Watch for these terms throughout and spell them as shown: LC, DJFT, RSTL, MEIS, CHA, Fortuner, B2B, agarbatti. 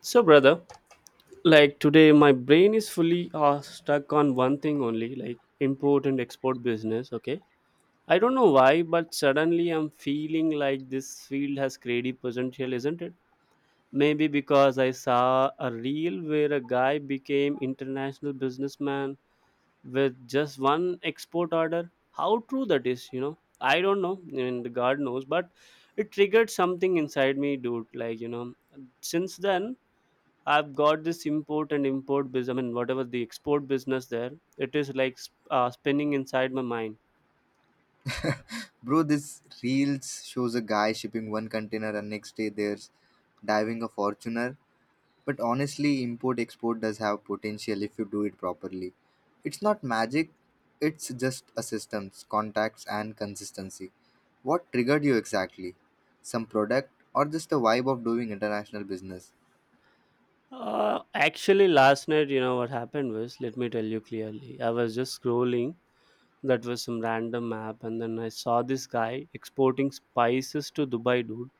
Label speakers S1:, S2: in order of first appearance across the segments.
S1: So, brother, like today, my brain is fully stuck on one thing only, like import and export business. Okay, I don't know why, but suddenly I'm feeling like this field has creative potential, isn't it? Maybe because I saw a reel where a guy became international businessman with just one export order. How true that is, you know? I don't know, and the God knows, but it triggered something inside me, dude. Like since then I've got this import and import business. I mean, whatever the export business there, it is like spinning inside my mind.
S2: Bro, this reels shows a guy shipping one container and next day there's diving a Fortuner. But honestly, import export does have potential if you do it properly. It's not magic, it's just a systems, contacts, and consistency. What triggered you exactly? Some product or just the vibe of doing international business?
S1: Actually, last night, what happened was, let me tell you clearly. I was just scrolling. That was some random app, and then I saw this guy exporting spices to Dubai, dude.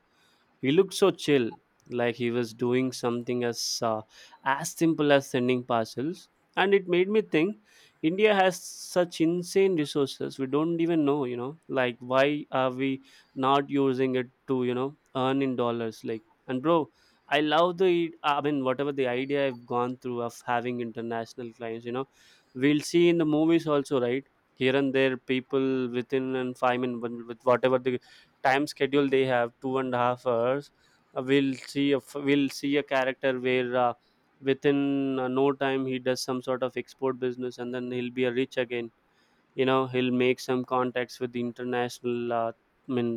S1: He looked so chill, like he was doing something as simple as sending parcels. And it made me think India has such insane resources we don't even know. Like why are we not using it to, earn in dollars? Like and bro, I love the whatever the idea I've gone through of having international clients, We'll see in the movies also, right? Here and there people within and five minutes with whatever the time schedule they have two and a half hours we'll see if we'll see a character where within no time he does some sort of export business, and then he'll be a rich again. You know, he'll make some contacts with the international i mean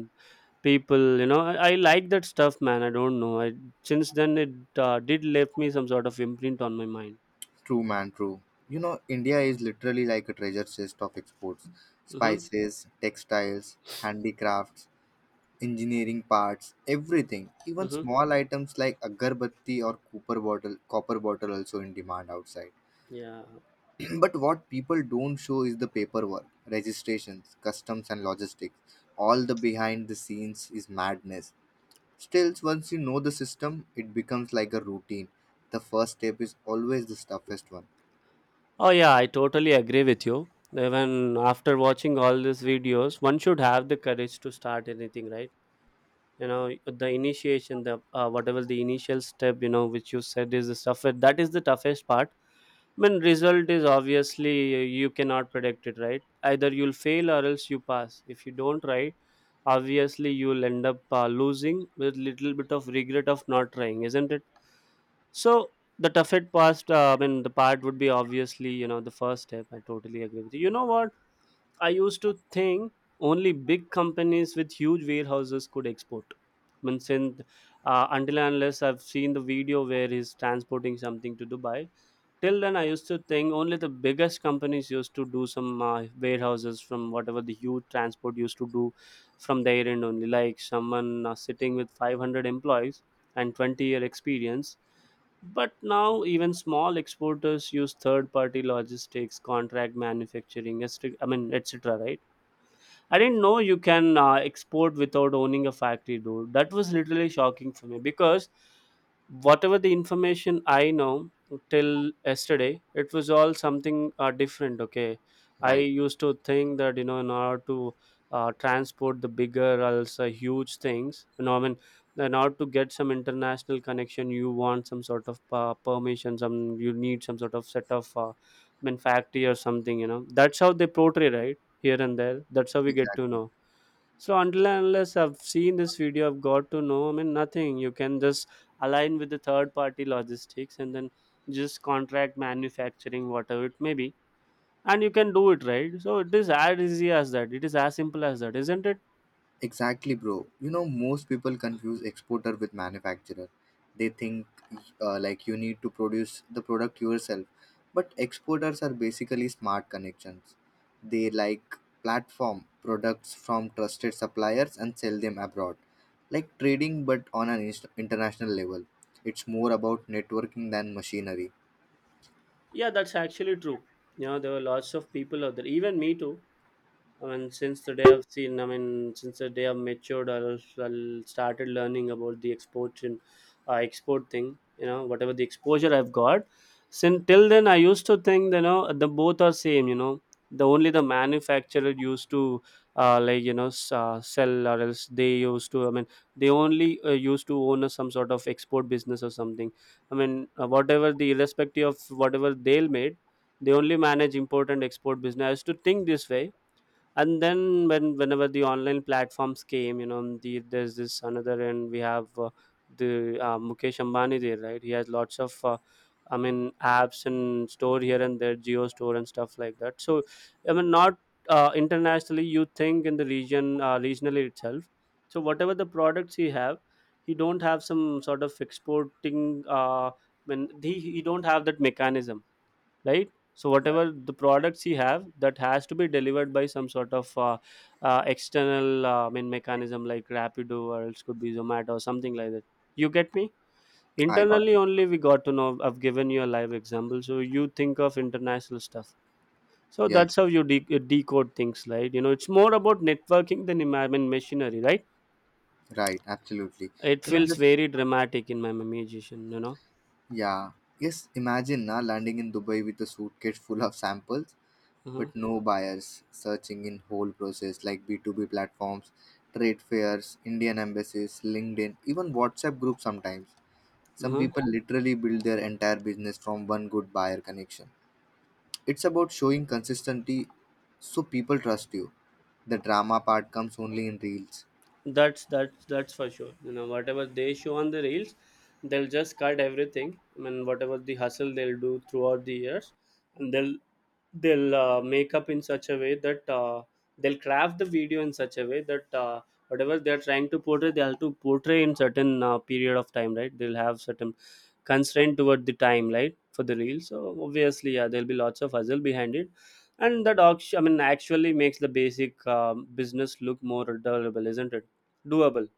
S1: people. I like that stuff, man. I don't know. I since then it did left me some sort of imprint on my mind.
S2: True, man, true. You know, India is literally like a treasure chest of exports,
S1: Mm-hmm.
S2: spices, textiles, handicrafts, engineering parts, everything. Even
S1: Mm-hmm.
S2: small items like agarbatti or copper bottle also in demand outside.
S1: Yeah.
S2: But what people don't show is the paperwork, registrations, customs and logistics. All the behind the scenes is madness. Still, once you know the system, it becomes like a routine. The first step is always the toughest one.
S1: Oh yeah, I totally agree with you. Even after watching all these videos, one should have the courage to start anything, right? You know, the initiation, the whatever the initial step, which you said is the toughest. That is the toughest part. I mean, result is obviously you cannot predict it, right? Either you'll fail or else you pass. If you don't try, obviously you'll end up losing with little bit of regret of not trying, isn't it? So the toughest part, I mean, the part would be obviously, the first step. I totally agree with you. You know what? I used to think only big companies with huge warehouses could export. I mean, until and unless I've seen the video where he's transporting something to Dubai, till then I used to think only the biggest companies used to do some warehouses from whatever the huge transport used to do from their end only, like someone sitting with 500 employees and 20-year experience. But now even small exporters use third party logistics, contract manufacturing, etc. I mean, etc, right? I didn't know you can export without owning a factory, dude. That was literally shocking for me, because whatever the information I know till yesterday, it was all something different. Okay, I
S2: Right.
S1: used to think that, you know, in order to transport the bigger, also huge things, you know, I mean, in order to get some international connection, you want some sort of permission, some you need some sort of set of I mean, factory or something, you know. That's how they portray, right? Here and there. That's how we get to
S2: Exactly.
S1: know. So until and unless I've seen this video, I've got to know. I mean, nothing. You can just align with the third party logistics and then just contract manufacturing, whatever it may be, and you can do it, right? So it is as easy as that. It is as simple as that, isn't it?
S2: Exactly, bro. You know, most people confuse exporter with manufacturer. They think like you need to produce the product yourself. But exporters are basically smart connections. They like platform products from trusted suppliers and sell them abroad. Like trading, but on an international level. It's more about networking than machinery.
S1: Yeah, that's actually true. You know, there were lots of people out there, even me too, I mean, since the day I've seen, I mean, since the day I've matured, I started learning about the export and export thing. You know, whatever the exposure I've got, since till then, I used to think, you know, the both are same. You know, the only the manufacturer used to like sell or else they used to. I mean, they only used to own a, some sort of export business or something. I mean, whatever the irrespective of whatever they'll made, they only manage import and export business. I used to think this way. And then whenever the online platforms came, you know, there's this another, and we have the Mukesh Ambani there, right? He has lots of apps and store here and there, Geo store and stuff like that. So I mean, not internationally, you think in the region regionally itself. So whatever the products he have, he don't have some sort of exporting when he don't have that mechanism, right? So
S2: Right.
S1: whatever the products he have, that has to be delivered by some sort of external I mean mechanism, like Rapido or else could be Zomato or something like that. You get me?
S2: I got
S1: Internally
S2: it.
S1: only we got to know. I've given you a live example, so you think of international stuff. So
S2: Yes,
S1: that's how you decode things, right? You know, it's more about networking than I mean, machinery, right?
S2: right, absolutely.
S1: It
S2: You know,
S1: feels
S2: just.
S1: very dramatic in my imagination, you know.
S2: Yeah. Yes, imagine na landing in Dubai with a suitcase full of samples, but no buyers searching in whole process like B2B platforms, trade fairs, Indian embassies, LinkedIn, even WhatsApp groups sometimes. Some
S1: Uh-huh.
S2: people literally build their entire business from one good buyer connection. It's about showing consistency so people trust you. The drama part comes only in reels.
S1: That's for sure. You know, whatever they show on the reels, they'll just cut everything. I mean, whatever the hustle they'll do throughout the years, and they'll make up in such a way that they'll craft the video in such a way that whatever they're trying to portray, they'll have to portray in certain period of time, right? They'll have certain constraint toward the time, right? For the reel. So obviously, yeah, there'll be lots of hustle behind it, and that auction, I mean, actually makes the basic business look more doable, isn't it? Doable.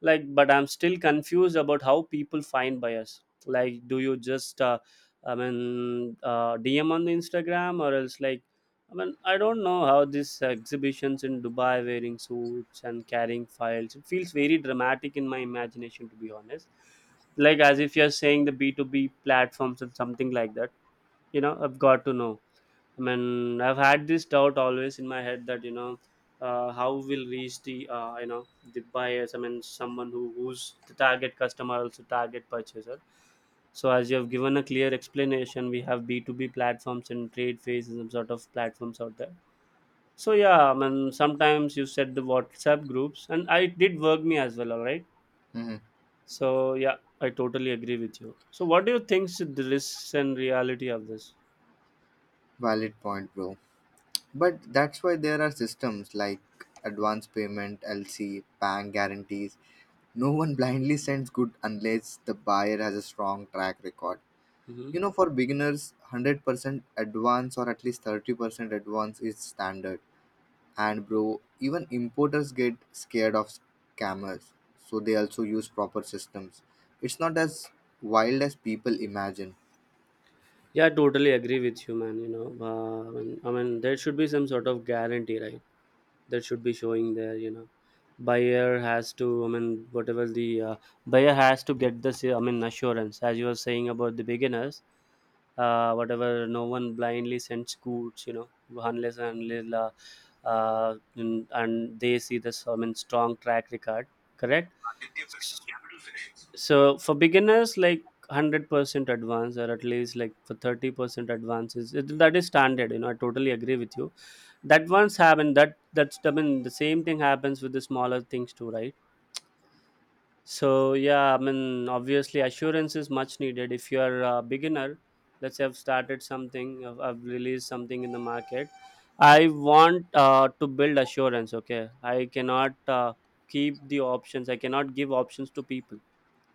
S1: Like, but I'm still confused about how people find bias. Like, do you just DM on the Instagram or else, like, I mean, I don't know how these exhibitions in Dubai, wearing suits and carrying files. It feels very dramatic in my imagination, to be honest. Like, as if you're saying the B2B platforms and something like that. You know, I've got to know. I mean, I've had this doubt always in my head that, you know, how will reach the the buyers. I mean, someone who's the target customer, also target purchaser. So as you have given a clear explanation, we have B two B platforms and trade phases and some sort of platforms out there. So yeah, I mean sometimes you said the WhatsApp groups, and I it did work me as well, alright.
S2: Mhm.
S1: So yeah, I totally agree with you. So what do you think is the risks and reality of this?
S2: Valid point, bro. But that's why there are systems like advance payment, LC, bank guarantees. No one blindly sends good unless the buyer has a strong track record.
S1: Hmm.
S2: You know, for beginners, 100% advance or at least 30% advance is standard. And bro, even importers get scared of scammers, so they also use proper systems. It's not as wild as people imagine.
S1: Yeah, I totally agree with you, man. You know, I mean, there should be some sort of guarantee, right? That should be showing there. You know, buyer has to. I mean, whatever the buyer has to get this. I mean, assurance, as you were saying about the beginners. Whatever, no one blindly sends goods. You know, unless and until, and they see this. I mean, strong track record. Correct. So for beginners, like 100% advance, or at least like for 30% advances it, that is standard. You know, I totally agree with you. That once happened that that's I mean the same thing happens with the smaller things too, right? So yeah, I mean obviously assurance is much needed if you are a beginner. Let's say I've started something, I've released something in the market. I want to build assurance. Okay, I cannot keep the options. I cannot give options to people.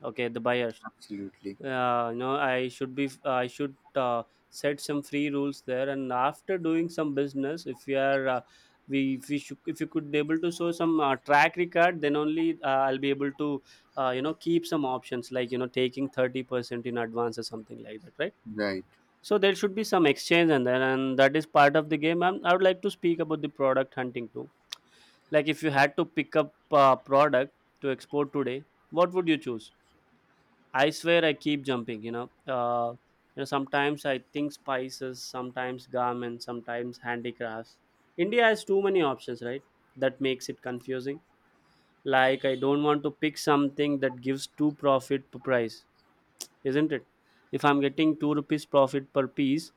S1: Okay, the buyers.
S2: Absolutely.
S1: No, I should set some free rules there. And after doing some business, if we are we if we should, if you could able to show some track record, then only I'll be able to keep some options, like you know, taking 30% in advance or something like that, right?
S2: Right.
S1: So there should be some exchange, and then and that is part of the game. And I would like to speak about the product hunting too. Like, if you had to pick up a product to export today, what would you choose? I swear I keep jumping, you know. You know, sometimes I think spices, sometimes garments, sometimes handicrafts. India has too many options, right? That makes it confusing. Like I don't want to pick something that gives two profit per price, isn't it? If I'm getting ₹2 profit per piece,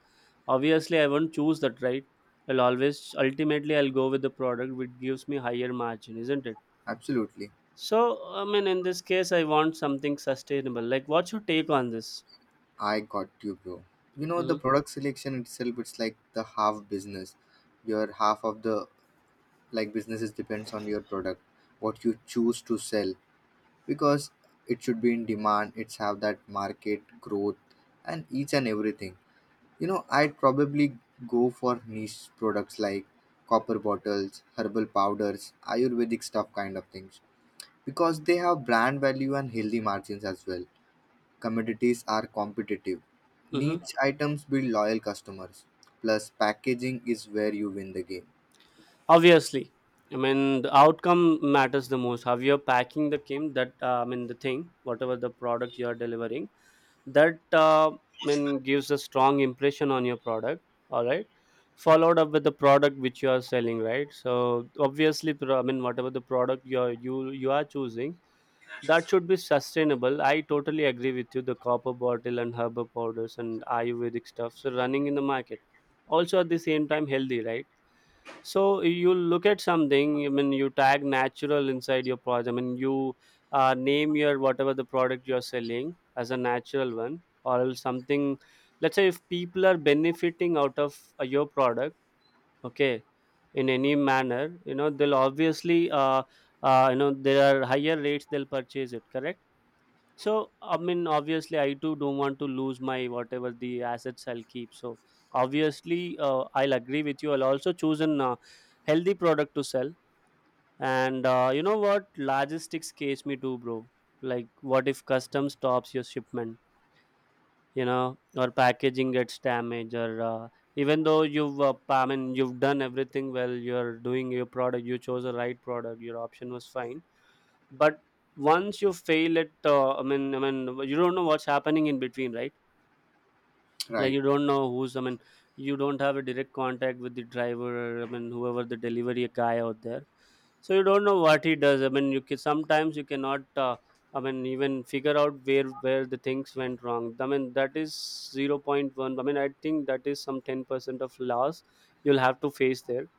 S1: obviously I won't choose that, right? I'll always ultimately I'll go with the product which gives me higher margin, isn't it?
S2: Absolutely.
S1: So I mean, in this case, I want something sustainable. Like, what's your take on this?
S2: I got you, bro. You know the
S1: Mm-hmm.
S2: product selection itself. It's like the half business. Your half of the like businesses depends on your product, what you choose to sell, because it should be in demand. It's have that market growth and each and everything. You know, I'd probably go for niche products like copper bottles, herbal powders, Ayurvedic stuff kind of things, because they have brand value and healthy margins as well, commodities are competitive.
S1: Hmm.
S2: Niche items build loyal customers. Plus, packaging is where you win the game.
S1: Obviously, I mean the outcome matters the most. How you're packing the game, that I mean the thing, whatever the product you are delivering, that I mean gives a strong impression on your product. All right, followed up with the product which you are selling, right? So obviously, I mean whatever the product you are choosing, that should be sustainable. I totally agree with you. The copper bottle and herbal powders and Ayurvedic stuffs are running in the market. Also at the same time, healthy, right? So you look at something. I mean, you tag natural inside your product. I mean, you name your whatever the product you're selling as a natural one, or else something. Let's say if people are benefiting out of your product, okay, in any manner, they'll obviously, there are higher rates they'll purchase it. Correct. So I mean, obviously, I too don't want to lose my whatever the assets I'll keep. So obviously, I'll agree with you. I'll also choose an healthy product to sell. And you know what, logistics case me too, bro. Like, what if custom stops your shipment? You know, or packaging gets damaged, or even though you've done everything well. You're doing your product. You chose the right product. Your option was fine, but once you fail it, I mean, you don't know what's happening in between, right? Like
S2: Right.
S1: you don't know who's I mean, you don't have a direct contact with the driver, or, I mean, whoever the delivery guy out there. So you don't know what he does. I mean, sometimes you cannot I mean, even figure out where the things went wrong. I mean, that is zero point 0.1. I mean, I think that is some 10% of loss you'll have to face there,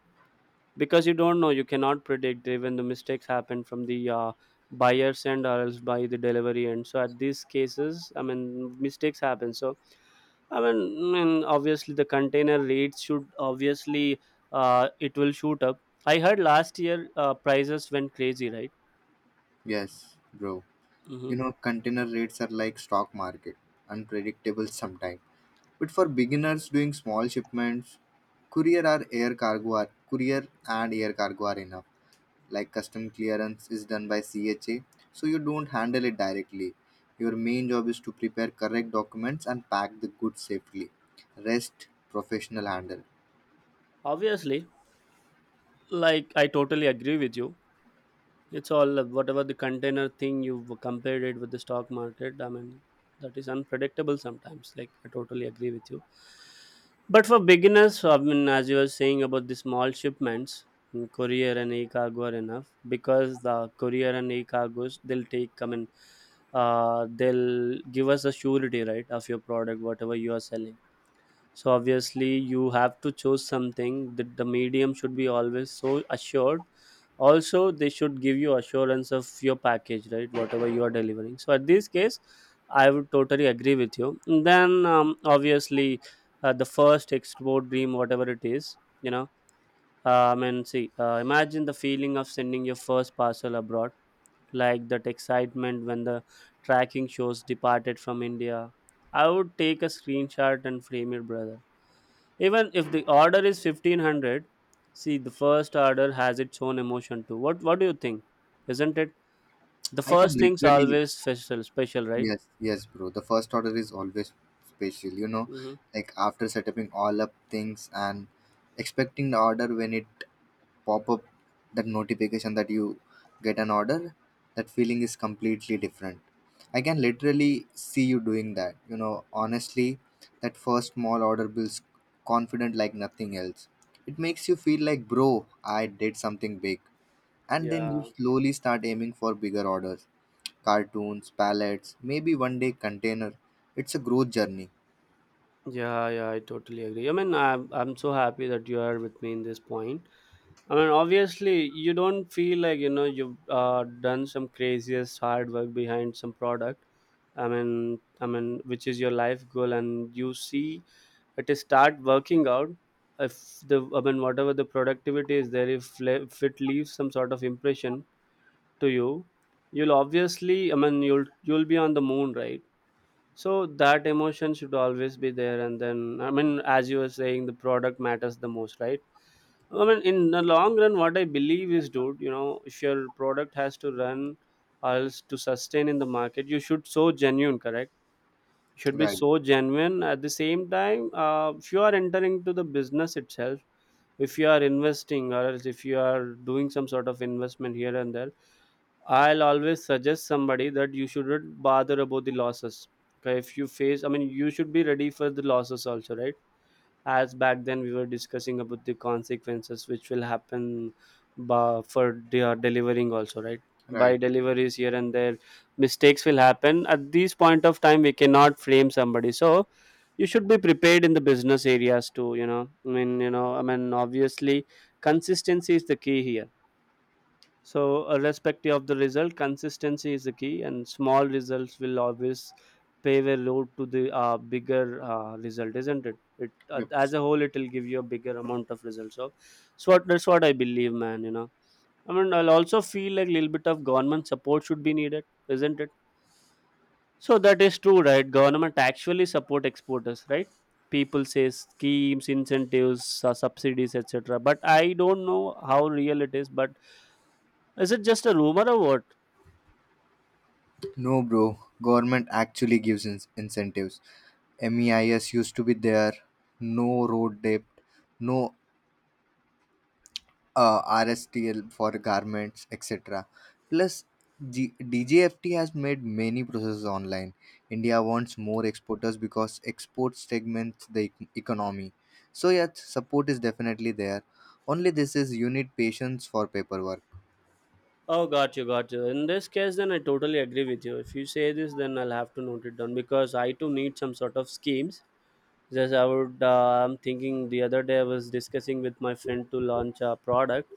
S1: because you don't know. You cannot predict even the mistakes happen from the buyer's end or else by the delivery end. So at these cases, I mean, mistakes happen. So I mean, obviously the container rates should obviously, it will shoot up. I heard last year prices went crazy, right?
S2: Yes, bro.
S1: Hmm.
S2: You know, container rates are like stock market, unpredictable sometimes. But for beginners doing small shipments, courier and air cargo are enough. Like custom clearance is done by CHA, so you don't handle it directly. Your main job is to prepare correct documents and pack the goods safely. Rest, professional handle.
S1: Obviously, like, I totally agree with you. It's all, whatever the container thing you've compared it with the stock market. I mean, that is unpredictable sometimes. Like, I totally agree with you. But for beginners, so, I mean, as you were saying about the small shipments, courier and e-cargo are enough, because the courier and e-cargos they'll take. I mean, they'll give us a surety, right, of your product, whatever you are selling. So obviously, you have to choose something that the medium should be always so assured. Also, they should give you assurance of your package, right, whatever you are delivering. So at this case, I would totally agree with you. Then obviously, the first export dream, whatever it is. I mean, see, imagine the feeling of sending your first parcel abroad. Like, that excitement when the tracking shows departed from India. I would take a screenshot and frame it, brother. Even if the order is 1500. See, the first order has its own emotion too. What do you think? Isn't it? The
S2: I can
S1: first thing's
S2: literally,
S1: always special, special, right?
S2: yes, yes, bro. The first order is always special, you know,
S1: Hmm.
S2: like after setting all up things and expecting the order when it pop up, that notification that you get an order, that feeling is completely different. I can literally see you doing that, you know. Honestly, that first small order builds confident like nothing else. It makes you feel like bro, I did something big, and then you
S1: Yeah,
S2: slowly start aiming for bigger orders, cartoons, pallets, maybe one day container. It's a growth journey.
S1: yeah, yeah, I totally agree. I mean, I'm so happy that you are with me in this point. I mean, obviously, you don't feel like, you've done some craziest hard work behind some product. I mean, which is your life goal, and you see it is start working out. If the I mean, whatever the productivity is there, if it leaves some sort of impression to you, you'll obviously, I mean, you'll be on the moon, right? So that emotion should always be there, and then I mean, as you were saying, the product matters the most, right? I mean, in the long run, what I believe is, dude, if your product has to run or else to sustain in the market, you should so genuine, correct? You should be
S2: Right.
S1: so genuine. At the same time, if you are entering to the business itself, if you are investing or else if you are doing some sort of investment here and there, I'll always suggest somebody that you shouldn't bother about the losses. Okay, if you face, I mean, you should be ready for the losses also, right? As back then we were discussing about the consequences which will happen, for their delivering also, right? By
S2: Right.
S1: deliveries here and there, mistakes will happen. At this point of time, we cannot frame somebody. So you should be prepared in the business areas too. I mean, obviously, consistency is the key here. So, irrespective of the result, consistency is the key, and small results will always pave a road to the bigger result, isn't it?
S2: Yep.
S1: As a whole, it will give you a bigger amount of results. So, what, that's what I believe, man. You know, I mean, I'll also feel like a little bit of government support should be needed, isn't it? So that is true, right? Government actually support exporters, right? People say schemes, incentives, subsidies, etc. But I don't know how real it is. But is it just a rumor or what?
S2: No, bro, government actually gives incentives. MEIS used to be there, no road depth, no RSTL for garments, etc. Plus, DJFT has made many processes online. India wants more exporters because exports segments the economy. So, yes, support is definitely there. Only this is you need patience for paperwork.
S1: Oh, got you, got you. In this case, then I totally agree with you. If you say this, then I'll have to note it down because I too need some sort of schemes. Just I'm thinking the other day I was discussing with my friend to launch a product.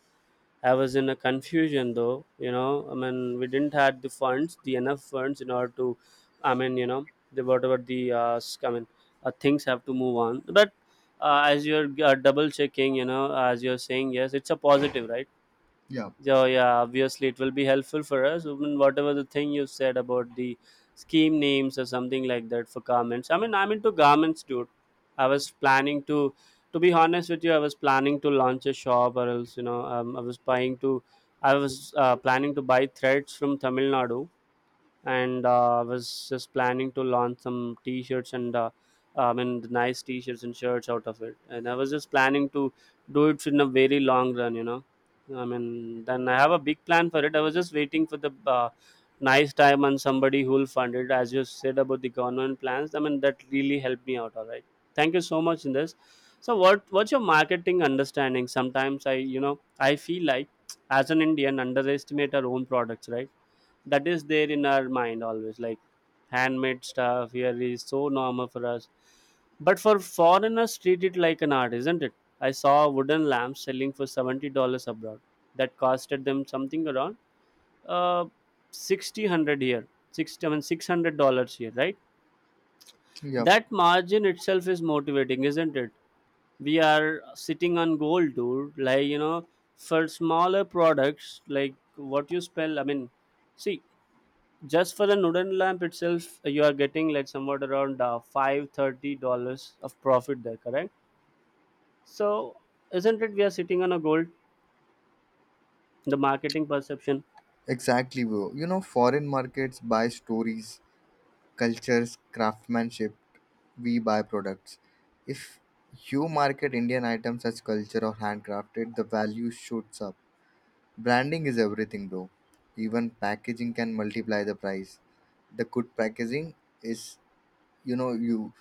S1: I was in a confusion though. I mean, we didn't had the funds, the enough funds in order to, I mean, the whatever the I mean, things have to move on. But as you're double checking, as you're saying, yes, it's a positive, right?
S2: Yeah,
S1: Yeah, yeah, obviously it will be helpful for us. Even whatever the thing you said about the scheme names or something like that for garments. I mean, I'm into garments, dude. I was planning to be honest with you, I was planning to launch a shop or else, I was planning to buy threads from Tamil Nadu, and I was just planning to launch some t-shirts and I mean the nice t-shirts and shirts out of it. And I was just planning to do it in a very long run. I mean, then I have a big plan for it. I was just waiting for the nice time and somebody who will fund it. As you said about the government plans, I mean that really helped me out. All right, thank you so much in this. So what's your marketing understanding? Sometimes I you know I feel like as an Indian underestimate our own products, right? That is there in our mind always, like, handmade stuff here is so normal for us, but for foreigners treat it like an art, isn't it? I saw a wooden lamp selling for $70 abroad. That costed them something around, uh 6,000 here. 60, I mean, $600 here, right?
S2: yeah,
S1: That margin itself is motivating, isn't it? We are sitting on gold, dude. For smaller products, like what you spell, I mean, see, just for the wooden lamp itself, you are getting like somewhat around, 5, $30 of profit there, correct? So isn't it, we are sitting on a gold. The marketing perception.
S2: exactly, bro. You know, foreign markets buy stories, cultures, craftsmanship. We buy products. If you market Indian items as culture or handcrafted, the value shoots up. Branding is everything, bro. Even packaging can multiply the price. The good packaging is, you know, you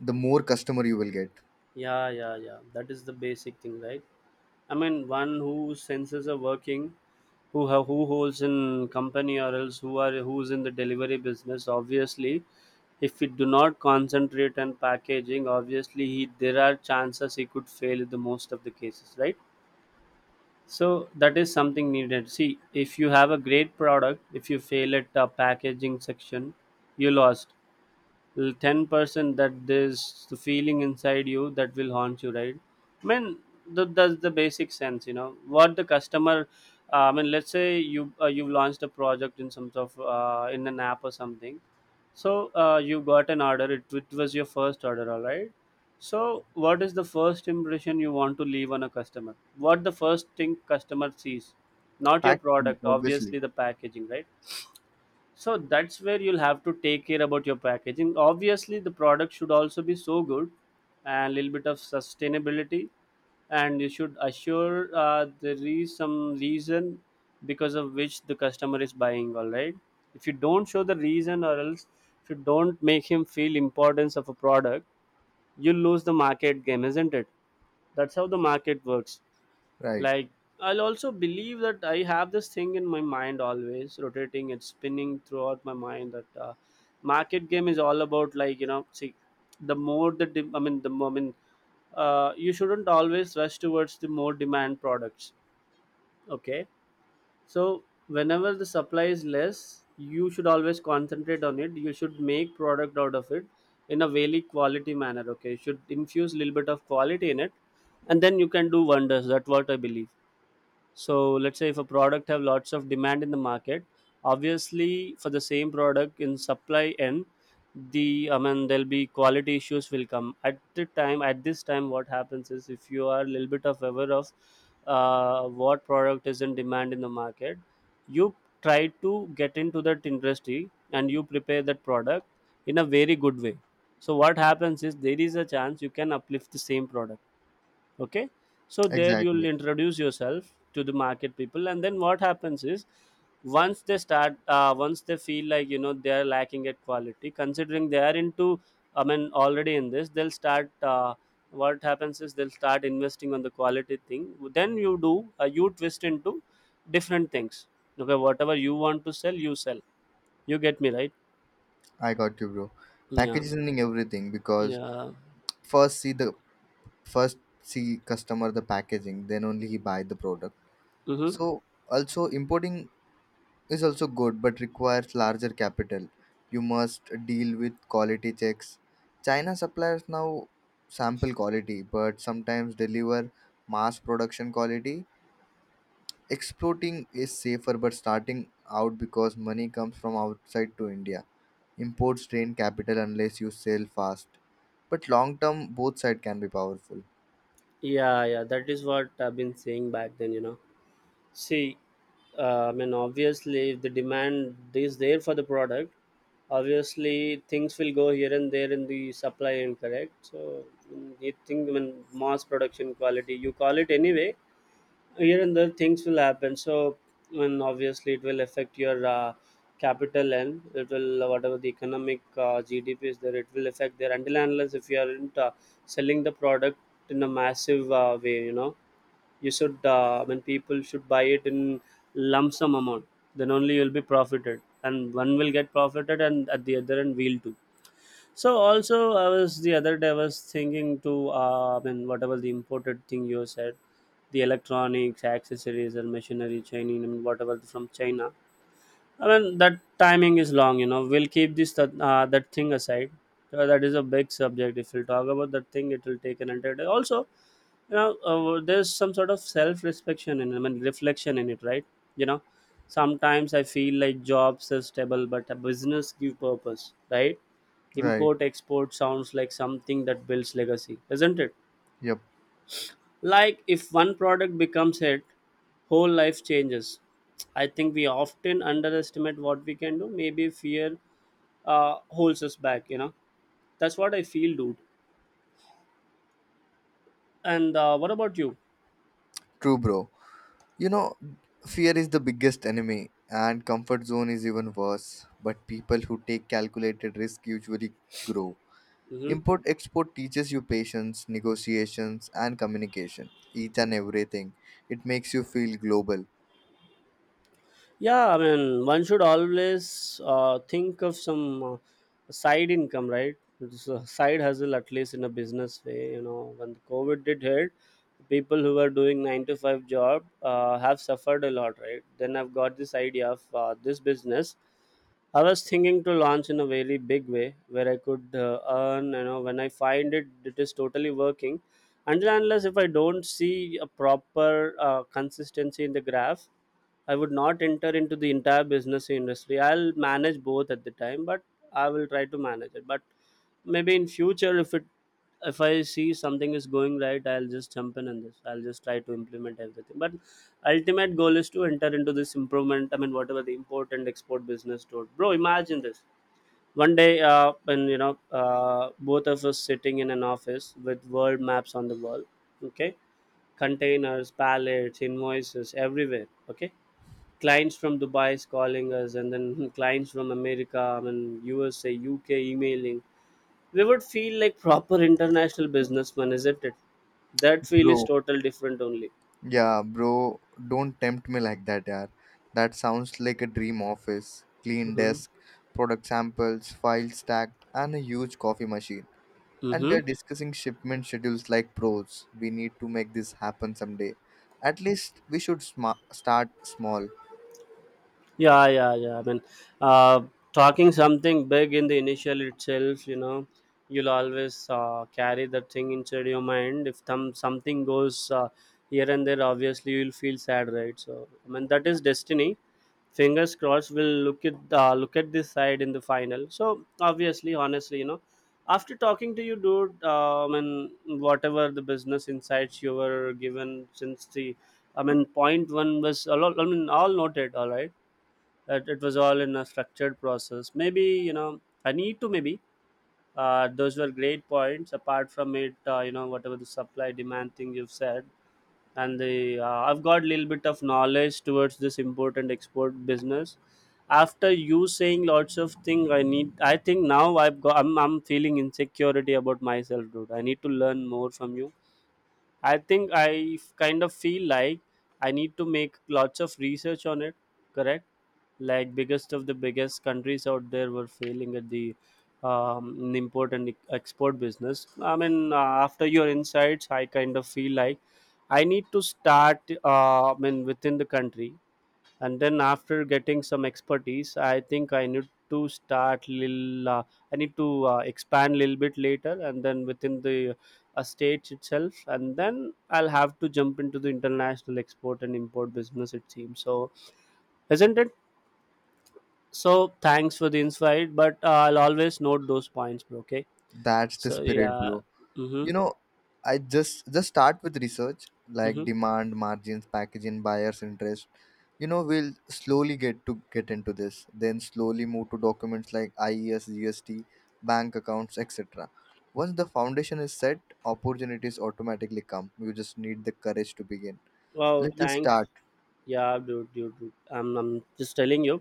S2: the more customer you will get.
S1: Yeah, yeah, yeah, that is the basic thing, right? I mean, one whose senses are working, who holds in company, or else who's in the delivery business. Obviously, if we do not concentrate on packaging, obviously, there are chances he could fail in the most of the cases, right? So that is something needed. See, if you have a great product, if you fail at the packaging section, you lost 10%, that there's the feeling inside you that will haunt you, right? I mean, that's the basic sense. What the customer, I mean, let's say you, you launched a project in some sort of in an app or something. So you got an order. It was your first order, all right. So what is the first impression you want to leave on a customer? What the first thing customer sees? Not your
S2: Packaging,
S1: product,
S2: obviously,
S1: obviously the packaging, right? So that's where you'll have to take care about your packaging. Obviously the product should also be so good, and a little bit of sustainability, and you should assure there is some reason because of which the customer is buying, all right? If you don't show the reason, or else if you don't make him feel importance of a product, you lose the market game, isn't it? That's how the market works.
S2: right?
S1: Like, I'll also believe that I have this thing in my mind always rotating and spinning throughout my mind that market game is all about, like, see, the more, you shouldn't always rush towards the more demand products, okay. So whenever the supply is less, you should always concentrate on it. You should make product out of it in a very quality manner, okay. You should infuse a little bit of quality in it, and then you can do wonders. That's what I believe. So let's say if a product have lots of demand in the market, obviously for the same product in supply end, there'll be quality issues will come at the time. At this time what happens is, if you are a little bit of aware of what product is in demand in the market, you try to get into that industry, and you prepare that product in a very good way. So what happens is there is a chance you can uplift the same product, okay. So there you'll
S2: Exactly.
S1: introduce yourself to the market people, and then what happens is, once they feel like, you know, they are lacking at quality, considering they are into, I mean, already in this, they'll start, what happens is they'll start investing on the quality thing. Then you do, you twist into different things. Okay, whatever you want to sell you sell. You get me, right?
S2: I got you, bro.
S1: Yeah,
S2: Packaging everything because
S1: yeah.
S2: first see the first see customer the packaging, then only he buy the product.
S1: Mm-hmm.
S2: So also importing is also good but requires larger capital. You must deal with quality checks. China suppliers now sample quality but sometimes deliver mass production quality. Exporting is safer but starting out because money comes from outside to India. Imports drain capital unless you sell fast. But long term both side can be powerful.
S1: Yeah, yeah, that is what I've been saying back then, you know. See, I mean, obviously, if the demand is there for the product, obviously things will go here and there in the supply, and correct. So, you think when mass production quality, you call it anyway, here and there things will happen. So, when obviously it will affect your capital, and it will whatever the economic GDP is there, it will affect there until and unless if you aren't selling the product in a massive way, you know. You should, I mean people should buy it in lump sum amount. Then only you'll be profited, and one will get profited, and at the other end we'll too. So also, I was the other day I was thinking to, I mean whatever the imported thing you said, the electronics accessories and machinery Chinese, and whatever from China. I mean, that timing is long, you know, we'll keep this that thing aside. That is a big subject. If we'll talk about that thing, it will take an entire day also. You know, there's some sort of self-reflection and, I mean, reflection in it, right, you know. Sometimes I feel like jobs are stable but a business give purpose, right?
S2: Right.
S1: Import export sounds like something that builds legacy, isn't it?
S2: Yep.
S1: Like, if one product becomes hit, whole life changes. I think we often underestimate what we can do. Maybe fear holds us back, you know. That's what I feel, dude. And what about you?
S2: True bro. You know, fear is the biggest enemy, and comfort zone is even worse. But people who take calculated risk usually grow.
S1: Mm-hmm.
S2: Import export teaches you patience, negotiations, and communication. Each and everything. It makes you feel global.
S1: Yeah, I mean, one should always think of some side income, right? It's a side hustle, at least in a business way. You know, when the COVID did hit, people who were doing 9 to 5 job have suffered a lot, right? Then I've got this idea of this business. I was thinking to launch in a very big way where I could earn, you know, when I find it, it is totally working. Until and unless if I don't see a proper consistency in the graph, I would not enter into the entire business industry. I'll manage both at the time, but I will try to manage it. But maybe in future, if I see something is going right, I'll just jump in on this. I'll just try to implement everything. But ultimate goal is to enter into this improvement. I mean, whatever the import and export business do. Bro, imagine this. One day, when, you know, both of us sitting in an office with world maps on the wall, okay, containers, pallets, invoices everywhere, okay, clients from Dubai is calling us, and then clients from America, I mean, USA, UK emailing, we would feel like proper international businessmen, isn't it? That feel is
S2: Bro,
S1: total different only.
S2: yeah, bro, don't tempt me like that, yaar. That sounds like a dream office. Clean
S1: Mm-hmm.
S2: desk, product samples, files stacked, and a huge coffee machine. And we are
S1: Mm-hmm.
S2: discussing shipment schedules like pros. We need to make this happen someday. At least we should start small.
S1: Yeah, yeah, yeah. I mean, uh, talking something big in the initial itself, you know, you'll always carry that thing inside your mind. If something goes here and there, obviously you'll feel sad, right? So, I mean, that is destiny. Fingers crossed, we'll look at, this side in the final. So obviously honestly, you know, after talking to you, dude, and whatever the business insights you were given since the I mean point one was a lot, I mean, all noted, all right. It was all in a structured process. Maybe, you know, I need to maybe, those were great points. Apart from it, you know, whatever the supply demand thing you've said, and the I've got a little bit of knowledge towards this import and export business. After you saying lots of things, I need. I think now I've got. I'm feeling insecurity about myself, dude. I need to learn more from you. I think I kind of feel like I need to make lots of research on it, correct? Like, biggest of the biggest countries out there were failing at the in import and export business. I mean, after your insights, I kind of feel like I need to start. I mean, within the country. And then after getting some expertise, I think I need to start little, I need to expand a little bit later, and then within the states itself, and then I'll have to jump into the international export and import business, it seems so, isn't it? So thanks for the insight. But I'll always note those points, bro, okay.
S2: That's the
S1: So
S2: spirit,
S1: yeah.
S2: bro.
S1: Mm-hmm,
S2: You know, I just start with research like
S1: mm-hmm.
S2: demand, margins, packaging, buyers interest. You know, we'll slowly get into this. Then slowly move to documents like IES, GST, bank accounts, etc. Once the foundation is set, opportunities automatically come. You just need the courage to begin.
S1: Wow.
S2: Let's just
S1: Thanks.
S2: start.
S1: Yeah, dude, dude, dude. I'm just telling you.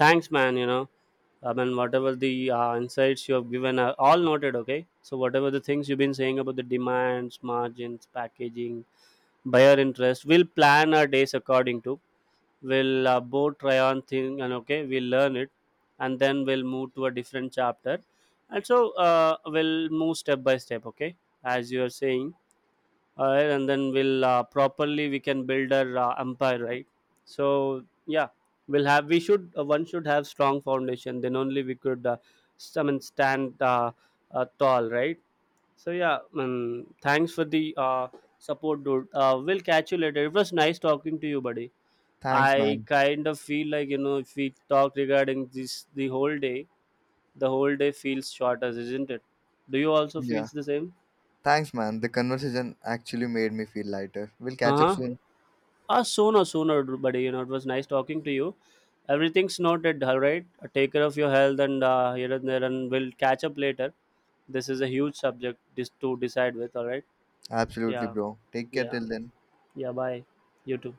S1: Thanks, man. You know, I mean, whatever the insights you have given are all noted, okay? So, whatever the things you've been saying about the demands, margins, packaging, buyer interest, we'll plan our days according to. We'll both try on thing, and okay, we'll learn it, and then we'll move to a different chapter. And so, we'll move step by step, okay? As you are saying. Alright, and then we'll properly we can build our empire, right? So yeah, we'll have we should one should have strong foundation. Then only we could, I mean, stand, tall, right? So yeah, thanks for the support, dude. We'll catch you later. It was nice talking to you, buddy.
S2: Thanks,
S1: I
S2: man.
S1: kind of feel like, you know, if we talk regarding this the whole day feels shorter, isn't it? Do you also
S2: Yeah.
S1: feels the same?
S2: Thanks, man. The conversation actually made me feel lighter. We'll
S1: Uh
S2: catch up
S1: huh.
S2: soon.
S1: Ah, sooner, sooner, buddy. You know, it was nice talking to you. Everything's noted, all right? Take care of your health and here and there, and we'll catch up later. This is a huge subject to decide with, all right?
S2: Absolutely,
S1: Yeah,
S2: bro. Take care
S1: yeah,
S2: till then.
S1: yeah, bye. You too.